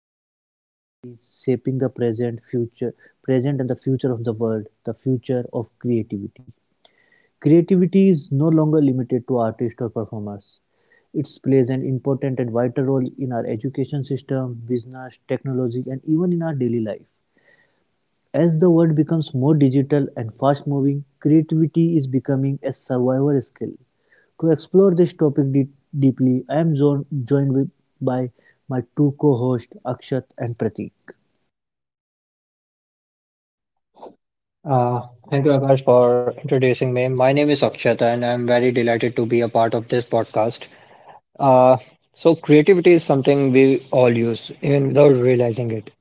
discussing a topic that is shaping the present, and the future of the world: the future of creativity. Creativity is no longer limited to artists or performers. It plays an important and vital role in our education system, business, technology, and even in our daily life. As the world becomes more digital and fast moving, creativity is becoming a survival skill. To explore this topic deeply, I am joined by my two co hosts, Akshat and Pratik. Thank you, Akash, for introducing me. My name is Akshat, and I'm very delighted to be a part of this podcast. Uh, so, creativity is something we all use, even without realizing it.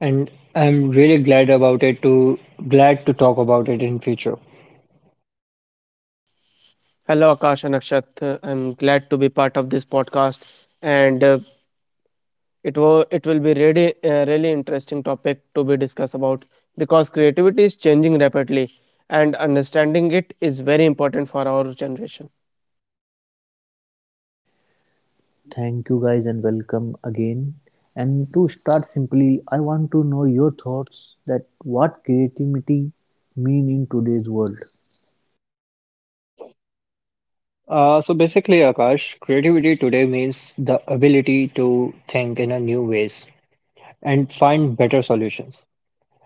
And I'm really glad about it to talk about it in future. Hello, Akash and Akshat. I'm glad to be part of this podcast, and it will be really really interesting topic to be discussed about because creativity is changing rapidly, and understanding it is very important for our generation. Thank you, guys, and welcome again. And to start simply, I want to know your thoughts that what creativity mean in today's world. So basically, Akash, creativity today means the ability to think in a new ways and find better solutions.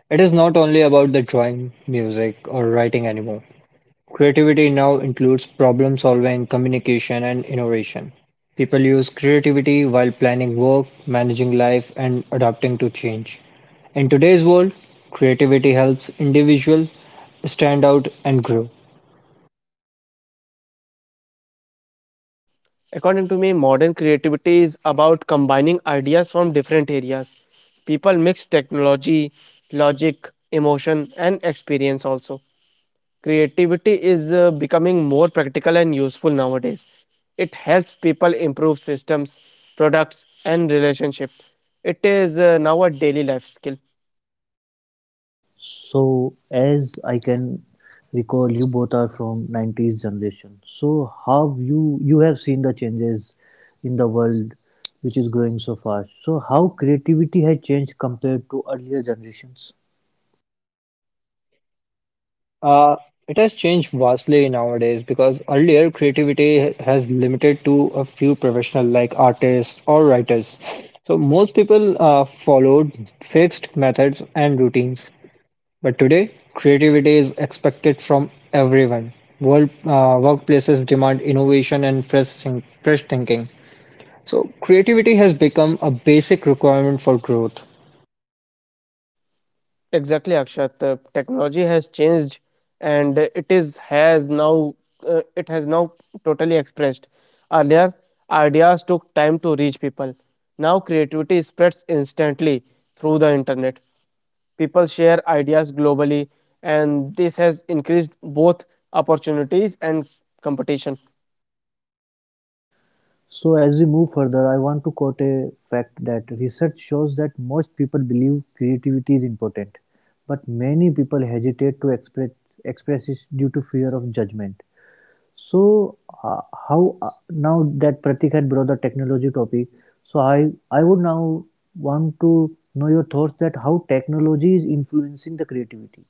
It is not only about the drawing, music, or writing anymore. Creativity now includes problem solving, communication, and innovation. People use creativity while planning work, managing life, and adapting to change. In today's world, creativity helps individuals stand out and grow. According to me, modern creativity is about combining ideas from different areas. People mix technology, logic, emotion, and experience also. Creativity is becoming more practical and useful nowadays. It helps people improve systems, products, and relationship. It is now a daily life skill. So, as I can recall, you both are from 90s generation. So, how you have seen the changes in the world, which is growing so fast. So, how creativity has changed compared to earlier generations. Uh, it has changed vastly nowadays because earlier creativity has limited to a few professionals like artists or writers. So most people followed fixed methods and routines. But today, creativity is expected from everyone. Workplaces demand innovation and fresh thinking. So, creativity has become a basic requirement for growth. Exactly, Akshat. Technology has changed, and it has now totally expressed. Earlier, ideas took time to reach people. Now, creativity spreads instantly through the internet. People share ideas globally, and this has increased both opportunities and competition So, as we move further, I want to quote a fact that research shows that most people believe creativity is important, but many people hesitate to express it due to fear of judgment. So, how now that Pratik had brought the technology topic, so I would now want to know your thoughts that how technology is influencing the creativity.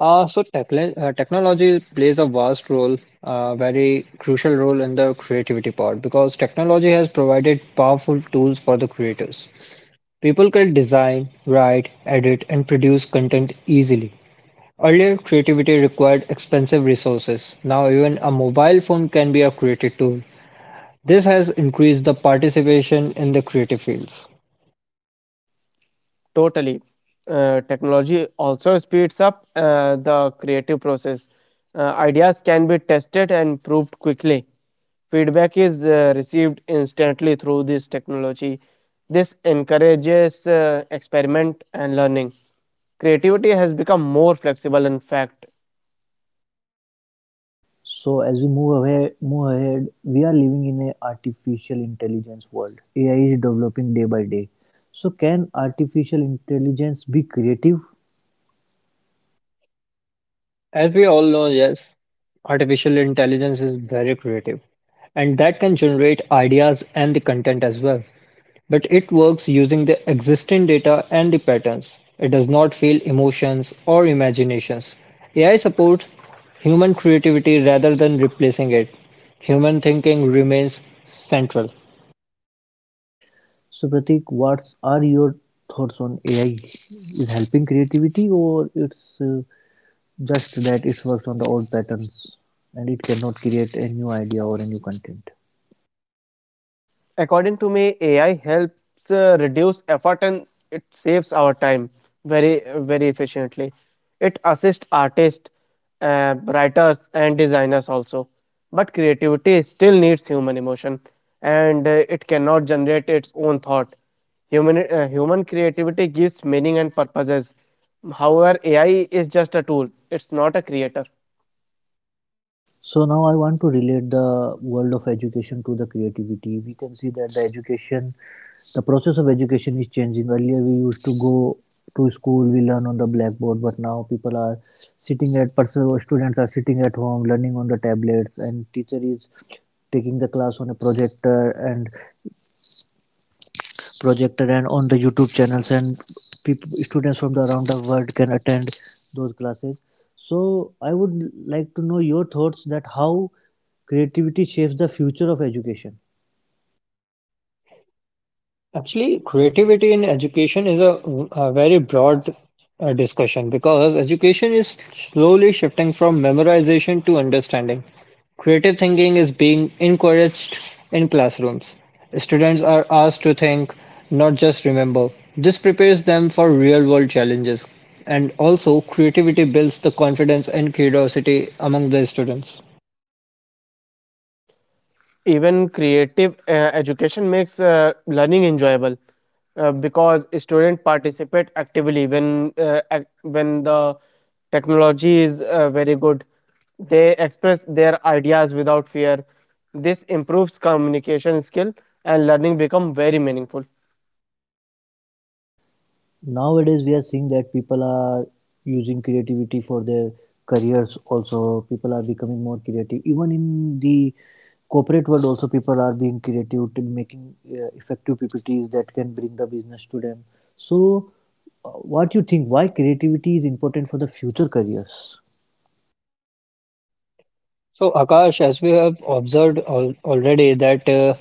Technology plays a vast very crucial role in the creativity part because technology has provided powerful tools for the creators. People can design, write, edit, and produce content easily. Earlier, creativity required expensive resources. Now, even a mobile phone can be a creative tool. This has increased the participation in the creative fields. totally. Technology also speeds up the creative process. Ideas can be tested and proved quickly. Feedback is received instantly through this technology. This encourages experiment and learning. Creativity has become more flexible, in fact. So, as we move ahead, we are living in a artificial intelligence world. AI is developing day by day. So, can artificial intelligence be creative? As we all know, yes, artificial intelligence is very creative and that can generate ideas and the content as well. But it works using the existing data and the patterns. It does not feel emotions or imaginations. AI supports human creativity rather than replacing it. Human thinking remains central. So, Pratik, what are your thoughts on AI? Is helping creativity or it's just that it works on the old patterns and it cannot create a new idea or a new content. According to me, AI helps reduce effort and it saves our time very very efficiently. It assists artists, writers and designers also, but creativity still needs human emotion, and it cannot generate its own thought. Human creativity gives meaning and purposes. However, AI is just a tool, it's not a creator. So now I want to relate the world of education to the creativity. We can see that the process of education is changing. Earlier we used to go to school, we learn on the blackboard, but now people are sitting at, person- students are sitting at home learning on the tablets and teacher is taking the class on a projector and on the YouTube channels, and students from the around the world can attend those classes. So I would like to know your thoughts that how creativity shapes the future of education. Actually, creativity in education is a very broad discussion because education is slowly shifting from memorization to understanding. Creative thinking is being encouraged in classrooms. Students are asked to think, not just remember. This prepares them for real world challenges. And also, creativity builds the confidence and curiosity among the students. Even creative education makes learning enjoyable because students participate actively when when the technology is very good. They express their ideas without fear. This improves communication skill, and learning become very meaningful. Nowadays we are seeing that people are using creativity for their careers. Also, people are becoming more creative even in the corporate world. Also, people are being creative to making effective ppts that can bring the business to them. So, uh, what you think why creativity is important for the future careers? So, Akash, as we have observed al already that uh,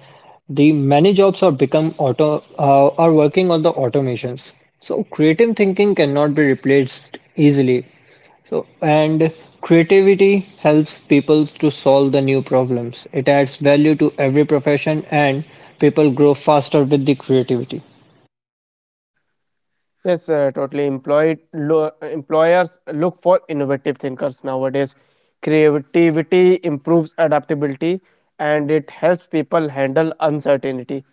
the many jobs are become auto are working on the automations. So, creative thinking cannot be replaced easily. So, and creativity helps people to solve the new problems. It adds value to every profession and people grow faster with the creativity. Yes, totally. Employers look for innovative thinkers nowadays. Creativity improves adaptability, and it helps people handle uncertainty.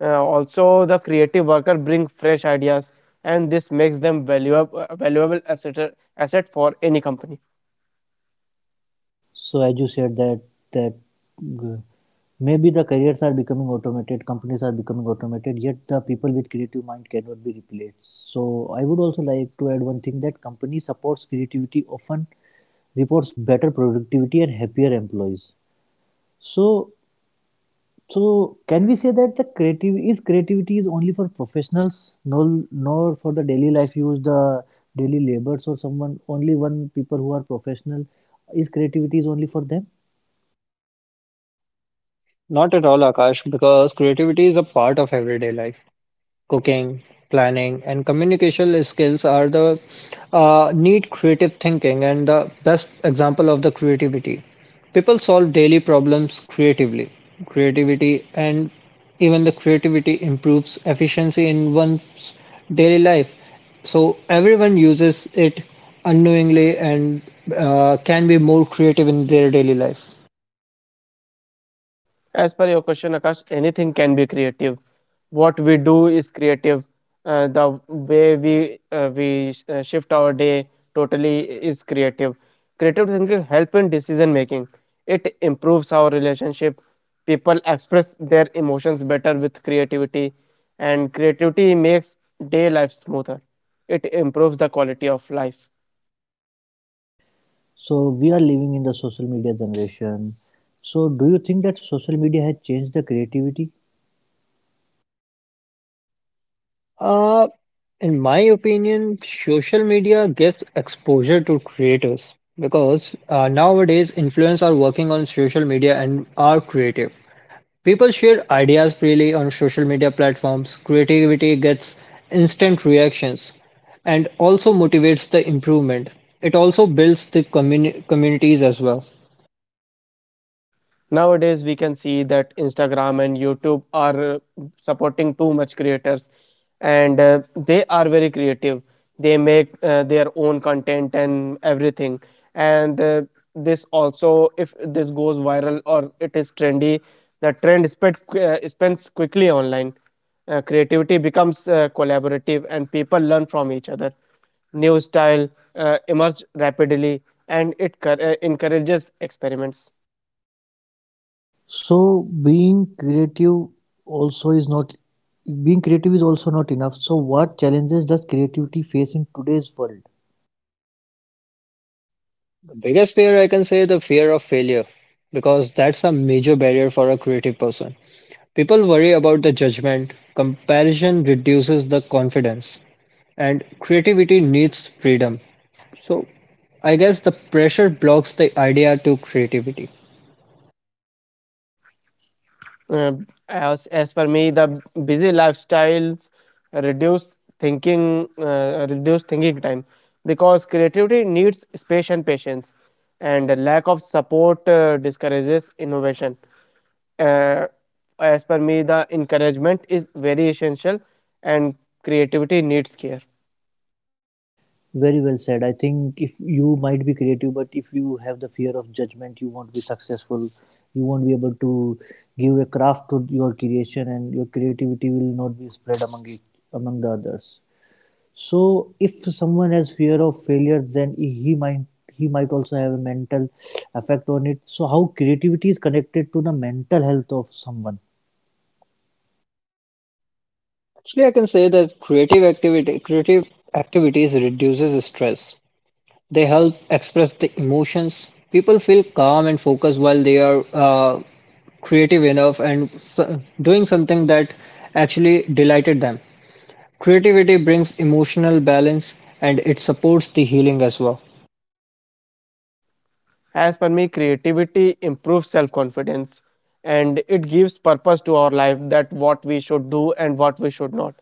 Also, the creative worker bring fresh ideas, and this makes them valuable asset for any company. So, as you said that that g- maybe the careers are becoming automated, companies are becoming automated, yet the people with creative mind cannot be replaced. So I would also like to add one thing that company supports creativity often reports better productivity and happier employees. So, can we say that the creative is creativity is only for professionals, nor for the daily life use, the daily labors or someone only one people who are professional, is creativity is only for them? Not at all, Akash, because creativity is a part of everyday life. Cooking, planning, and communication skills are the need creative thinking and the best example of the creativity. People solve daily problems creatively. Creativity and even the creativity improves efficiency in one's daily life. So everyone uses it unknowingly and can be more creative in their daily life. As per your question, Akash, anything can be creative. What we do is creative. The way we shift our day totally is creative. Creative thinking help in decision making. It improves our relationship. People express their emotions better with creativity, and creativity makes day life smoother. It improves the quality of life. So we are living in the social media generation. So do you think that social media has changed the creativity? Uh, in my opinion, social media gives exposure to creators because nowadays influencers are working on social media and are creative. People share ideas freely on social media platforms. Creativity gets instant reactions and also motivates the improvement. It also builds the communities as well. Nowadays, we can see that Instagram and YouTube are supporting too much creators, and they are very creative. They make their own content and everything. And this also, if this goes viral or it is trendy, the trend spends quickly online. Creativity becomes collaborative, and people learn from each other. New style emerge rapidly, and it encourages experiments. So also is not being creative is also not enough. So what challenges does creativity face in today's world? The biggest fear I can say the fear of failure because that's a major barrier for a creative person. People worry about the judgment, comparison reduces the confidence, and creativity needs freedom. So, I guess the pressure blocks the idea to creativity. Uh, as per me, the busy lifestyles reduce reduce thinking time because creativity needs space and patience, and the lack of support discourages innovation. Uh, as per me, the encouragement is very essential, and creativity needs care. Very well said. I think if you might be creative, but if you have the fear of judgment, you won't be successful. You won't be able to give a craft to your creation, and your creativity will not be spread among the others. So if someone has fear of failure, then he might also have a mental effect on it. So how creativity is connected to the mental health of someone? Actually, I can say that creative activities reduces stress. They help express the emotions. People feel calm and focused while they are creative enough and doing something that actually delighted them. Creativity brings emotional balance and it supports the healing as well. As per me, creativity improves self confidence, and it gives purpose to our life, that what we should do and what we should not.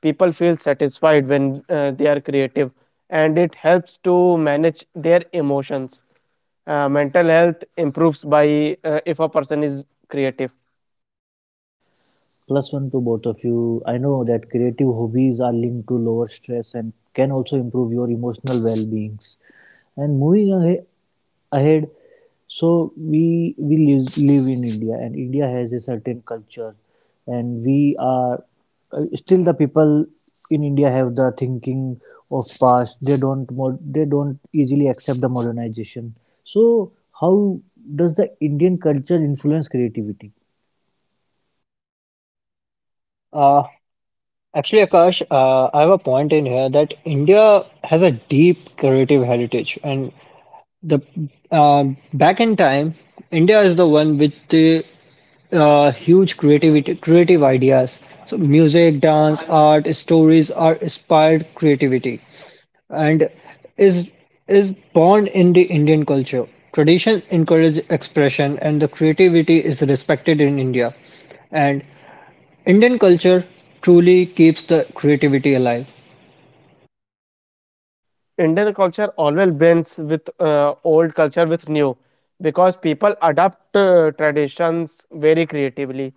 People feel satisfied when they are creative, and it helps to manage their emotions. Mental health improves by if a person is creative. Plus one to both of you. I know that creative hobbies are linked to lower stress and can also improve your emotional well beings. And moving ahead, so we live in India, and India has a certain culture, and we are still the people in India have the thinking of past. They don't easily accept the modernization. So how does the Indian culture influence creativity? Uh, actually, Akash, I have a point in here that India has a deep creative heritage, and the back in time, India is the one with the huge creative ideas. So, music, dance, art, stories are inspired creativity. and is is born in the Indian culture. Tradition encourage expression and the creativity is respected in India. And Indian culture truly keeps the creativity alive. Indian culture always blends with old culture with new because people adapt traditions very creatively.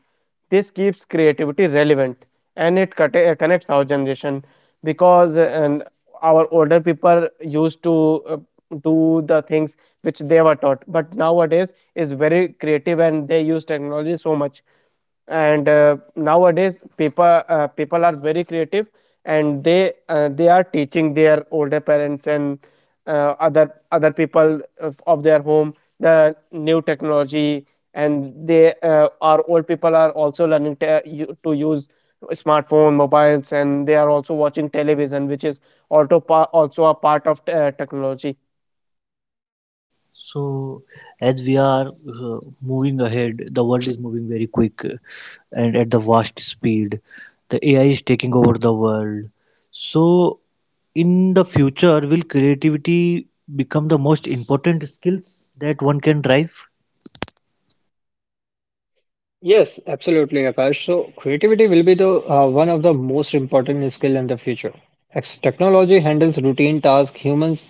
This keeps creativity relevant, and it connects our generation because and our older people used to do the things which they were taught, but nowadays is very creative and they use technology so much. And nowadays people are very creative, and they are teaching their older parents and other people of their home the new technology. And they our old people are also learning to, to use smartphone mobiles, and they are also watching television, which is also also a part of technology. So, as we are moving ahead, the world is moving very quick and at the vast speed. The AI is taking over the world. So, in the future, will creativity become the most important skills that one can drive? Yes, absolutely, Akash. So creativity will be the one of the most important skill in the future. As technology handles routine tasks, humans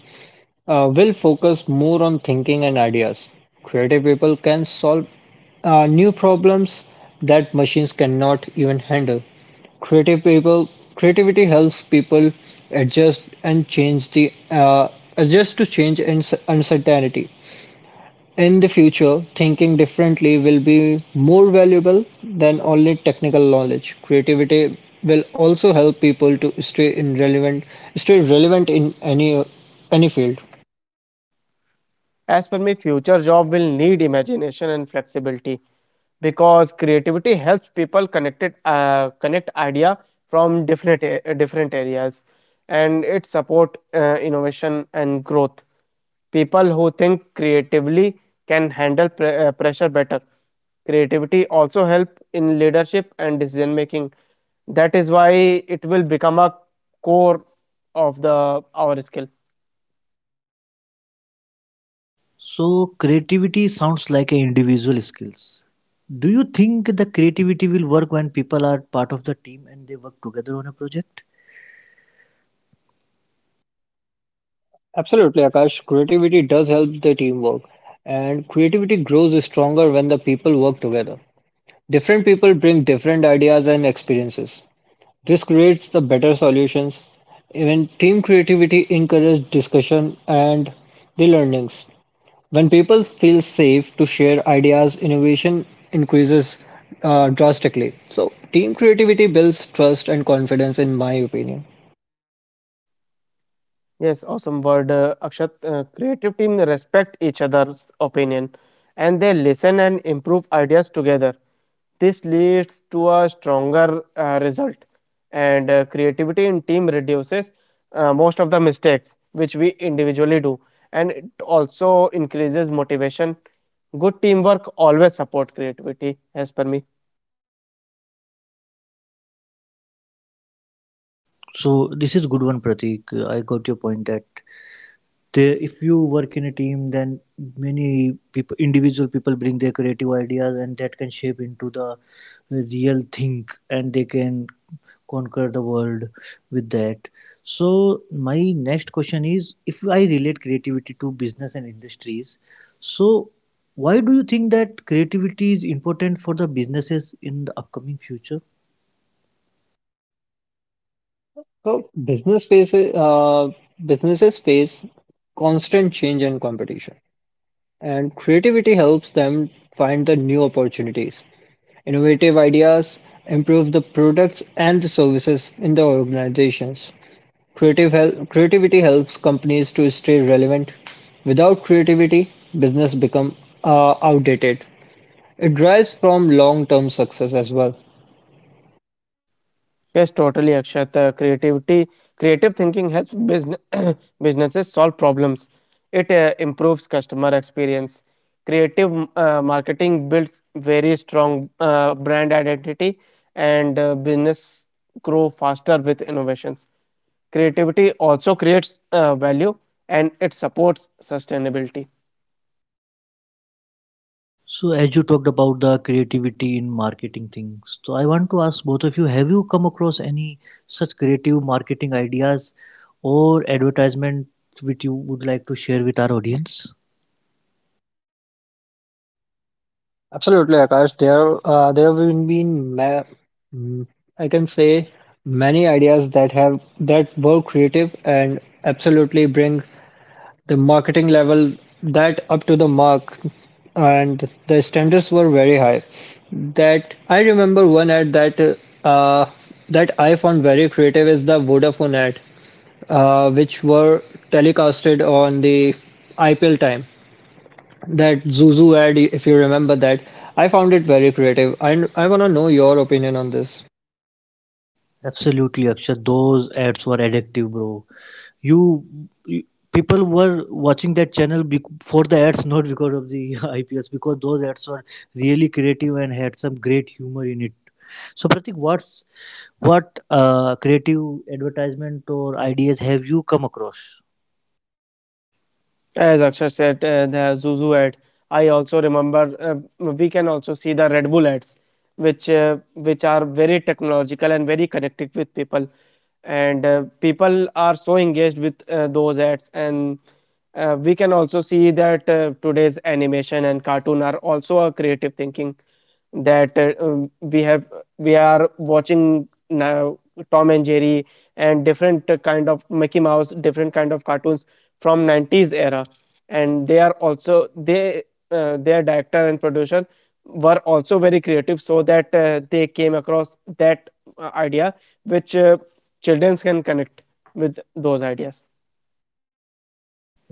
will focus more on thinking and ideas. Creative people can solve new problems that machines cannot even handle. Creative people, Creativity helps people adjust and change the uh, adjust to change and uncertainty. In the future, thinking differently will be more valuable than only technical knowledge. Creativity will also help people to stay relevant in any field. As per me, future job will need imagination and flexibility because creativity helps people connect idea from different areas, and it support innovation and growth. People who think creatively can handle pressure better. Creativity also help in leadership and decision making. That is why it will become a core of the our skill. So, creativity sounds like an individual skills. Do you think the creativity will work when people are part of the team and they work together on a project? Absolutely, Akash. Creativity does help the teamwork, and creativity grows stronger when the people work together. Different people bring different ideas and experiences. This creates the better solutions. Even team creativity encourages discussion and the learnings. When people feel safe to share ideas, innovation increases drastically. So, team creativity builds trust and confidence, in my opinion. Yes, awesome word, Akshat. Creative team respect each other's opinion, and they listen and improve ideas together. This leads to a stronger result, and creativity in team reduces most of the mistakes which we individually do, and it also increases motivation. Good teamwork always support creativity, as per me. So, this is good one, Pratik. I got your point that they if you work in a team, then many people individual people bring their creative ideas and that can shape into the real thing and they can conquer the world with that. So my next question is, if I relate creativity to business and industries, so why do you think that creativity is important for the businesses in the upcoming future? So businesses face constant change and competition, and creativity helps them find the new opportunities. Innovative ideas improve the products and the services in the organizations. Creativity helps companies to stay relevant. Without creativity, business become outdated. It drives from long-term success as well. Yes, totally, Akshat. Creative thinking helps business, businesses solve problems. It improves customer experience. Creative marketing builds very strong brand identity, and business grow faster with innovations. Creativity also creates value, and it supports sustainability. So, as you talked about the creativity in marketing things, so I want to ask both of you, have you come across any such creative marketing ideas or advertisement which you would like to share with our audience? Absolutely, Akash. There have been mm, I can say many ideas that have that were creative and absolutely bring the marketing level that up to the mark, and the standards were very high. That I remember one ad uh, that I found very creative is the Vodafone ad, which were telecasted on the IPL time. That Zuzu ad, if you remember that, I found it very creative, and I want to know your opinion on this. Absolutely, Akshat. Those ads were addictive, bro. You, you people were watching that channel for the ads, not because of the IPS, because those ads were really creative and had some great humor in it. So, Pratik, what creative advertisement or ideas have you come across? As Akshar said, the Zuzu ad. I also remember we can also see the Red Bull ads, which are very technological and very connected with people, and people are so engaged with those ads. And we can also see that today's animation and cartoon are also a creative thinking. That we have we are watching now Tom and Jerry and different kind of Mickey Mouse, different kind of cartoons from 90s era, and they are also they their director and producer were also very creative, so that they came across that idea which children can connect with those ideas.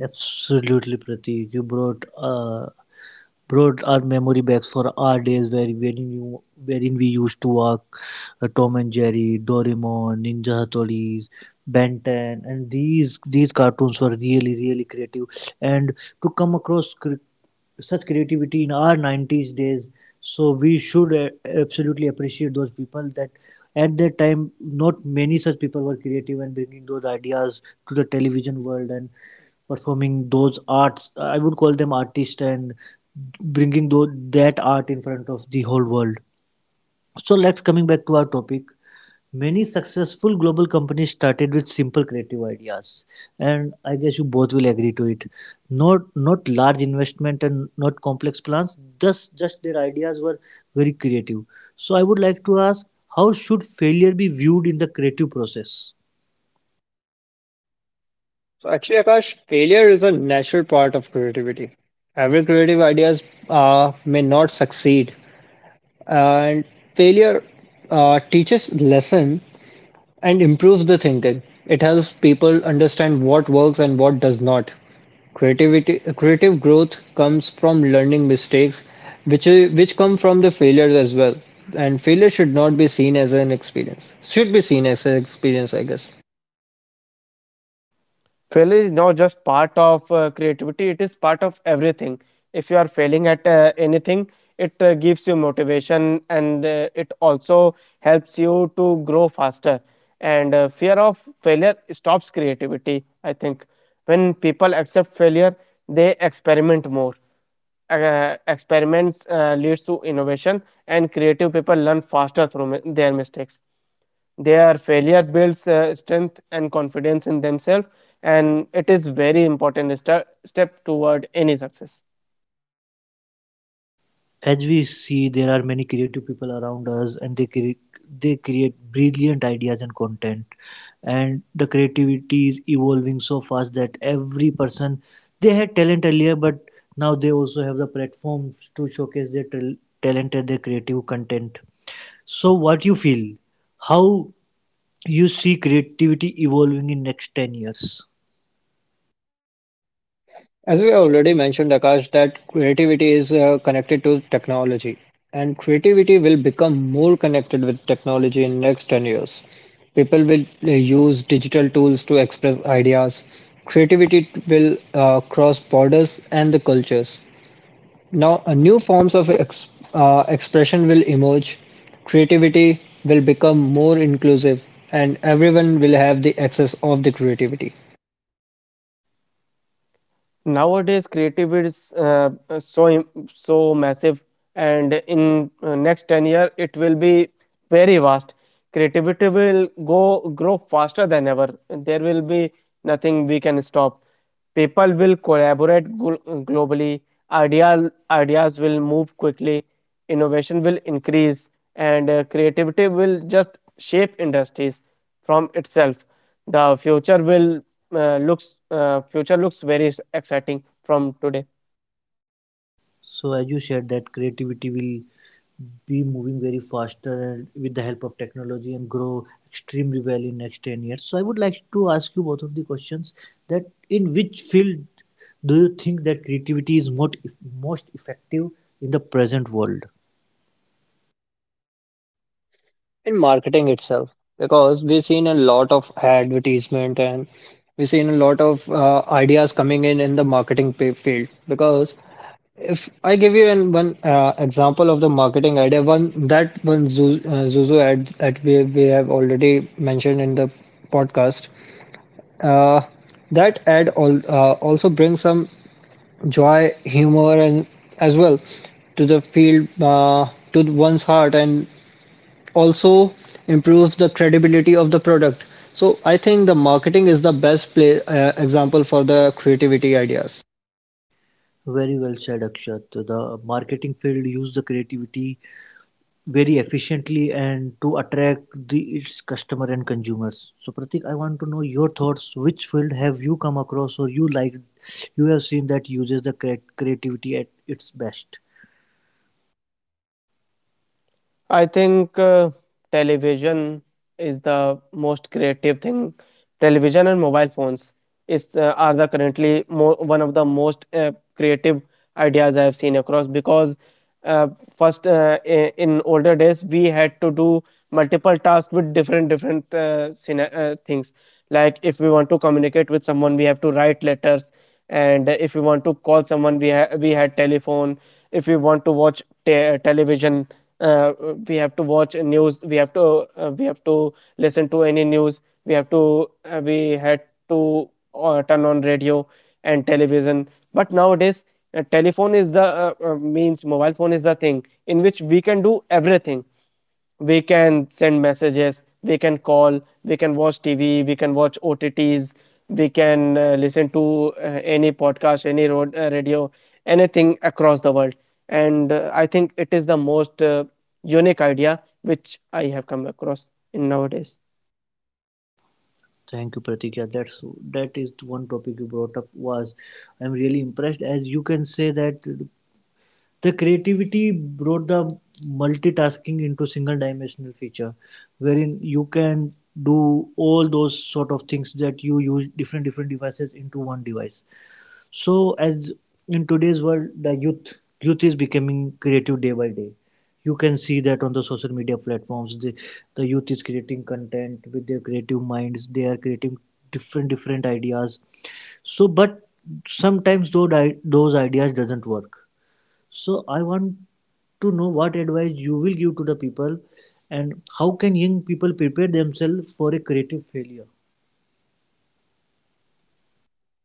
Absolutely, Pratik. You brought our memory back for our days where wherein you wherein we used to walk Tom and Jerry, Doraemon, Ninja Hattori's, Ben 10, and these cartoons were really really creative. And to come across such creativity in our 90s days, so we should absolutely appreciate those people that at that time, not many such people were creative and bringing those ideas to the television world and performing those arts. I would call them artists and bringing that art in front of the whole world. So let's coming back to our topic. Many successful global companies started with simple creative ideas, and I guess you both will agree to it. Not not large investment and not complex plans. Just their ideas were very creative. So I would like to ask, how should failure be viewed in the creative process? So actually, Akash, failure is a natural part of creativity. Every creative ideas may not succeed, and failure teaches lesson and improves the thinking. It helps people understand what works and what does not. Creative growth comes from learning mistakes, which which come from the failures as well. And failure should not be seen as an experience. Should be seen as an experience, I guess. Failure is not just part of creativity, it is part of everything. If you are failing at anything, it gives you motivation, and it also helps you to grow faster, and fear of failure stops creativity, I think. When people accept failure, they experiment more. Experiments leads to innovation, and creative people learn faster through their mistakes. Their failure builds strength and confidence in themselves, and it is very important step toward any success. As we see, there are many creative people around us and they create brilliant ideas and content, and the creativity is evolving so fast that every person, they had talent earlier, but now they also have the platforms to showcase their talent and their creative content. So what you feel, how you see creativity evolving in next 10 years? As we already mentioned, Akash, that creativity is connected to technology, and creativity will become more connected with technology in next 10 years. People will use digital tools to express ideas. Will cross borders and the cultures. Now, new forms of expression will emerge, creativity will become more inclusive, and everyone will have the access of the creativity. Nowadays, creativity is so so massive, and in next 10 years, it will be very vast. Creativity will go grow faster than ever. There will be nothing we can stop. People will collaborate globally. Ideas will move quickly. Innovation will increase, and creativity will just shape industries from itself. The future will looks Future looks very exciting from today. So as you said that creativity will be moving very faster and with the help of technology and grow extremely well in next 10 years, so I would like to ask you both of the questions that in which field do you think that creativity is most effective in the present world? In marketing itself, because we've seen a lot of advertisement and we've seen a lot of ideas coming in the marketing field. Because if I give you one example of the marketing idea, one Zuzu ad that we have already mentioned in the podcast uh, that ad also brings some joy, humor, and as well to the field, to one's heart, and also improves the credibility of the product. So I think the marketing is the best example for the creativity ideas. Very well said, Akshat. The marketing field use the creativity very efficiently and to attract the its customer and consumers. So Pratik, I want to know your thoughts. Which field have you come across, or you have seen that uses the creativity at its best? I think television is the most creative thing. Television and mobile phones is are the currently one of the most creative ideas I have seen across. Because uh, first in older days we had to do multiple tasks with different things. Like, if we want to communicate with someone we have to write letters, and if we want to call someone we had telephone. If we want to television uh, we have to watch news, we have to listen to any news, we have to we had to turn on radio and television. But nowadays telephone is the means mobile phone is the thing in which we can do everything. We can send messages, we can call, we can watch TV, we can watch OTTs, we can listen to any podcast, any road radio, anything across the world. And I think it is the most unique idea which I have come across in nowadays. Thank you, Pratik. Yeah, that is one topic you brought up was, I'm really impressed as you can say that the creativity brought the multitasking into single dimensional feature wherein you can do all those sort of things that you use different different devices into one device. So, as in today's world, the youth is becoming creative day by day. You can see that on the social media platforms, the youth is creating content with their creative minds, they are creating different different ideas. So, but sometimes those ideas doesn't work. So I want to know what advice you will give to the people, and how can young people prepare themselves for a creative failure?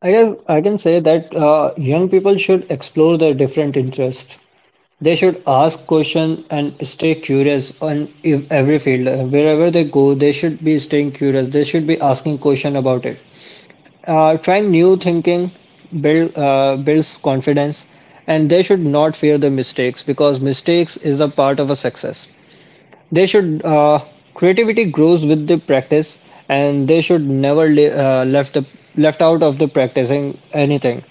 I guess I can say that young people should explore their different interests. They should ask questions and stay curious on every field. Wherever they go, they should be staying curious. They should be asking questions about it. Trying new thinking builds confidence, and they should not fear the mistakes because mistakes is the part of a success. They should creativity grows with the practice, and they should never left the left out of the practicing anything.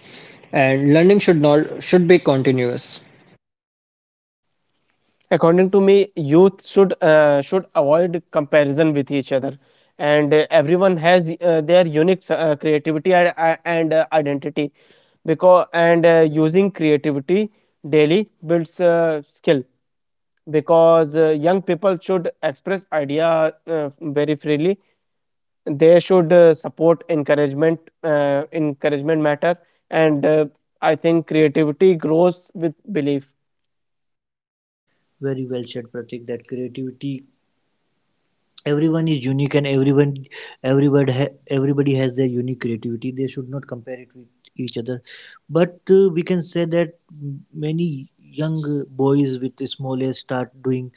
And learning should not should be continuous. According to me, youth should avoid comparison with each other, and everyone has their unique creativity and identity. Because and using creativity daily builds skill. Because young people should express idea very freely. They should support encouragement. Encouragement matter, and I think creativity grows with belief. Very well said, Pratik, that creativity, everyone is unique and everybody has their unique creativity, they should not compare it with each other. But we can say that many young boys with small age start doing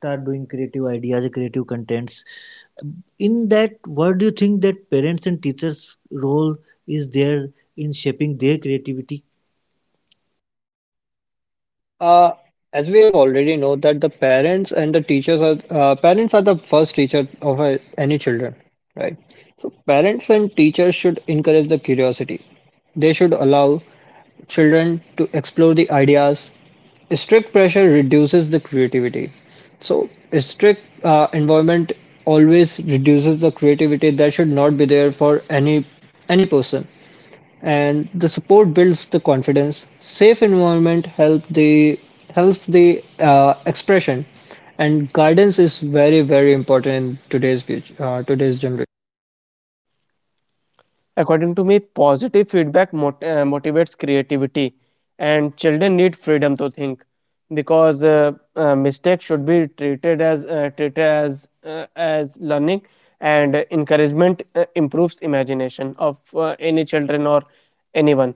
start doing creative ideas creative contents. In that, what do you think that parents and teachers role is there in shaping their creativity? Uh, as we have already know that the parents are the first teacher of any children, right? So parents and teachers should encourage the curiosity. They should allow children to explore the ideas. Strict pressure reduces the creativity. So strict environment always reduces the creativity that should not be there for any person and the support builds the confidence. Safe environment helps the expression, and guidance is very very important in today's generation. According to me, positive feedback motivates creativity, and children need freedom to think because mistakes should be treated as learning, and encouragement improves imagination of any children or anyone.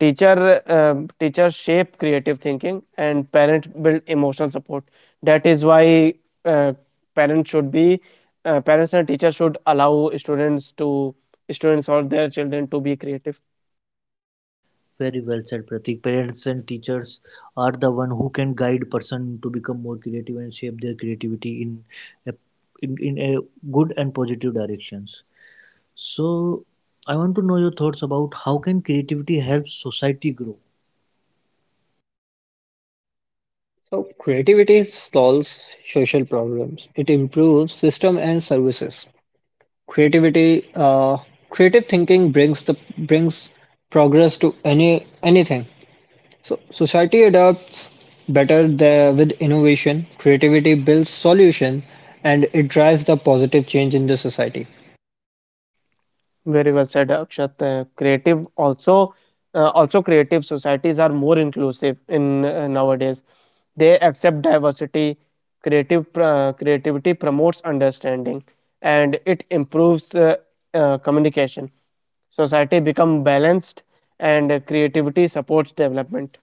Teachers shape creative thinking, and parents build emotional support. That is why uh, parents should be parents and teachers should allow students to students or their children to be creative. Very well said, Pratik. Parents and teachers are the one who can guide person to become more creative and shape their creativity in a, in, in a good and positive directions. So, I want to know your thoughts about how can creativity help society grow. So creativity solves social problems. It improves system and services. Creativity, uh, Creative thinking brings progress to anything. So society adapts better there with innovation, creativity builds solution, and it drives the positive change in the society. Very well said, Akshat. Creative also, also Creative societies are more inclusive in nowadays. They accept diversity. Creative Creativity promotes understanding, and it improves communication. Society become balanced, and creativity supports development.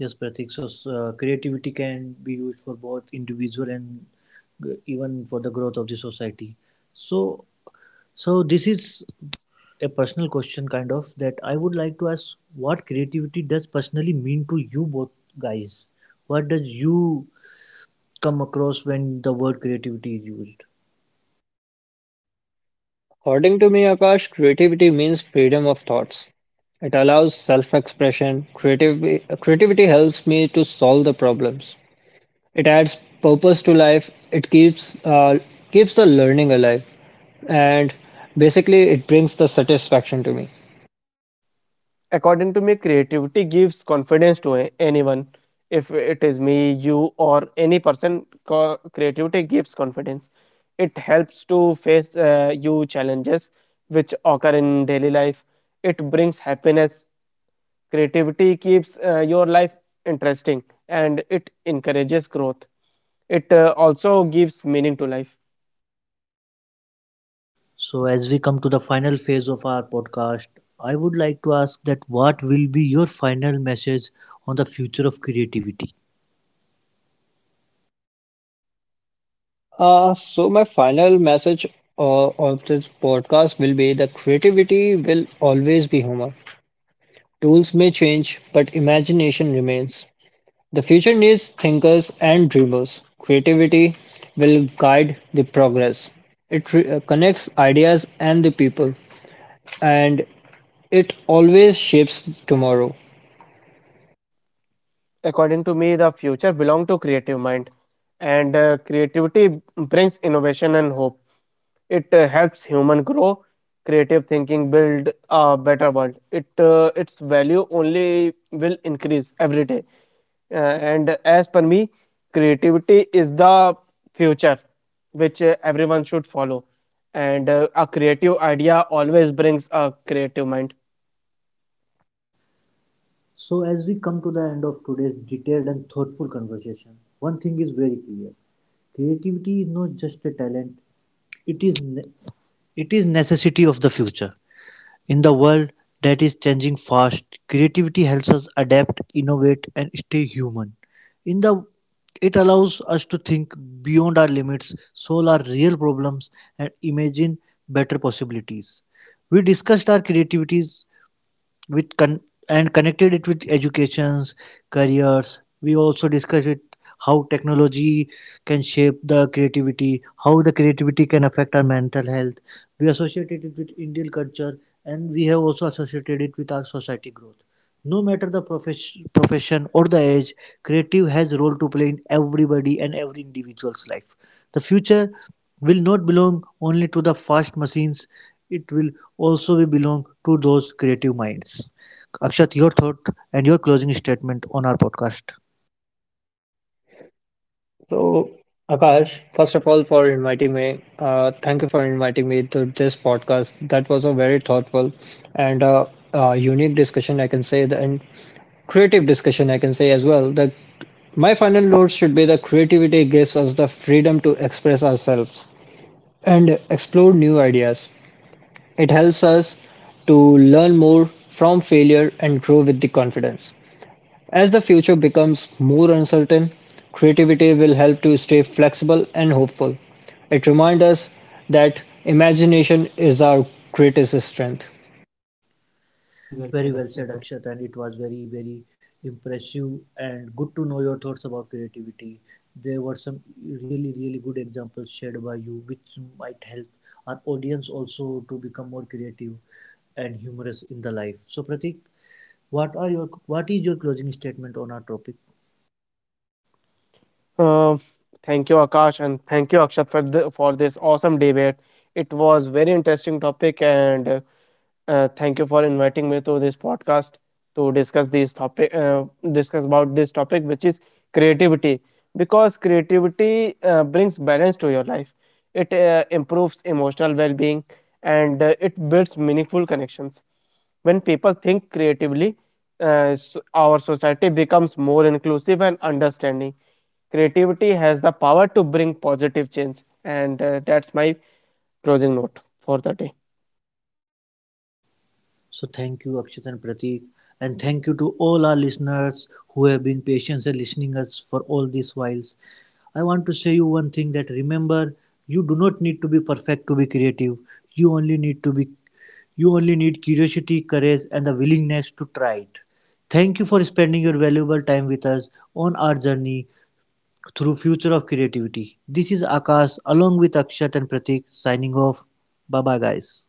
Yes, Pratik. So, creativity can be used for both individual and even for the growth of the society. So, this is a personal question kind of that I would like to ask, what creativity does personally mean to you both guys? What does you come across when the word creativity is used? According to me, Akash, creativity means freedom of thoughts. It allows self-expression. Creativity helps me to solve the problems. It adds purpose to life. It keeps the learning alive, and basically, it brings the satisfaction to me. According to me, creativity gives confidence to anyone, if it is me, you, or any person. Creativity gives confidence, it helps to face you challenges which occur in daily life. It brings happiness. Creativity keeps your life interesting, and it encourages growth. It also gives meaning to life. So as we come to the final phase of our podcast, I would like to ask that what will be your final message on the future of creativity? So my final message of this podcast will be the creativity will always be human. Tools may change, but imagination remains. The future needs thinkers and dreamers. Creativity will guide the progress. It connects ideas and the people, and it always shapes tomorrow. According to me, the future belong to creative mind, and creativity brings innovation and hope. It helps human grow. Creative thinking build a better world. It Its value only will increase every day. And as per me, creativity is the future which everyone should follow, and a creative idea always brings a creative mind. So as we come to the end of today's detailed and thoughtful conversation, one thing is very clear. Creativity is not just a talent, it is ne- it is necessity of the future. In the world that is changing fast, creativity helps us adapt, innovate, and stay human. In the it allows us to think beyond our limits, solve our real problems, and imagine better possibilities. We discussed our creativities with con- and connected it with educations, careers. We also discussed it, how technology can shape the creativity, how the creativity can affect our mental health. We associated it with Indian culture, and we have also associated it with our society growth. No matter the profession or the age, creative has a role to play in everybody and every individual's life. The future will not belong only to the fast machines, it will also be belong to those creative minds. Akshat, your thought and your closing statement on our podcast. So, Akash, first of all, for inviting me. Thank you for inviting me to this podcast. That was a very thoughtful and unique discussion, I can say, and creative discussion, I can say as well. My final note should be the creativity gives us the freedom to express ourselves and explore new ideas. It helps us to learn more from failure and grow with the confidence. As the future becomes more uncertain, creativity will help to stay flexible and hopeful. It reminds us that imagination is our greatest strength. Very well said, Very well said, Akshat. Akshat, and it was very, very impressive and good to know your thoughts about creativity. There were some really, really good examples shared by you, which might help our audience also to become more creative and humorous in the life. So, Pratik, what is your closing statement on our topic? Uh, Thank you, Akash, and thank you, Akshat, for the, for this awesome debate. It was very interesting topic, and thank you for inviting me to this podcast to discuss this topic, discuss about this topic, which is creativity, because creativity brings balance to your life. It improves emotional well-being, and it builds meaningful connections. When people think creatively, our society becomes more inclusive and understanding. Creativity has the power to bring positive change, and that's my closing note for the day. So thank you, Akshat and Pratik, and thank you to all our listeners who have been patiently listening us for all these whiles. I want to say you one thing that remember, you do not need to be perfect to be creative. You only need to be, you only need curiosity, courage, and the willingness to try it. Thank you for spending your valuable time with us on our journey through future of creativity. This is Akash along with Akshat and Pratik signing off. Bye bye, guys.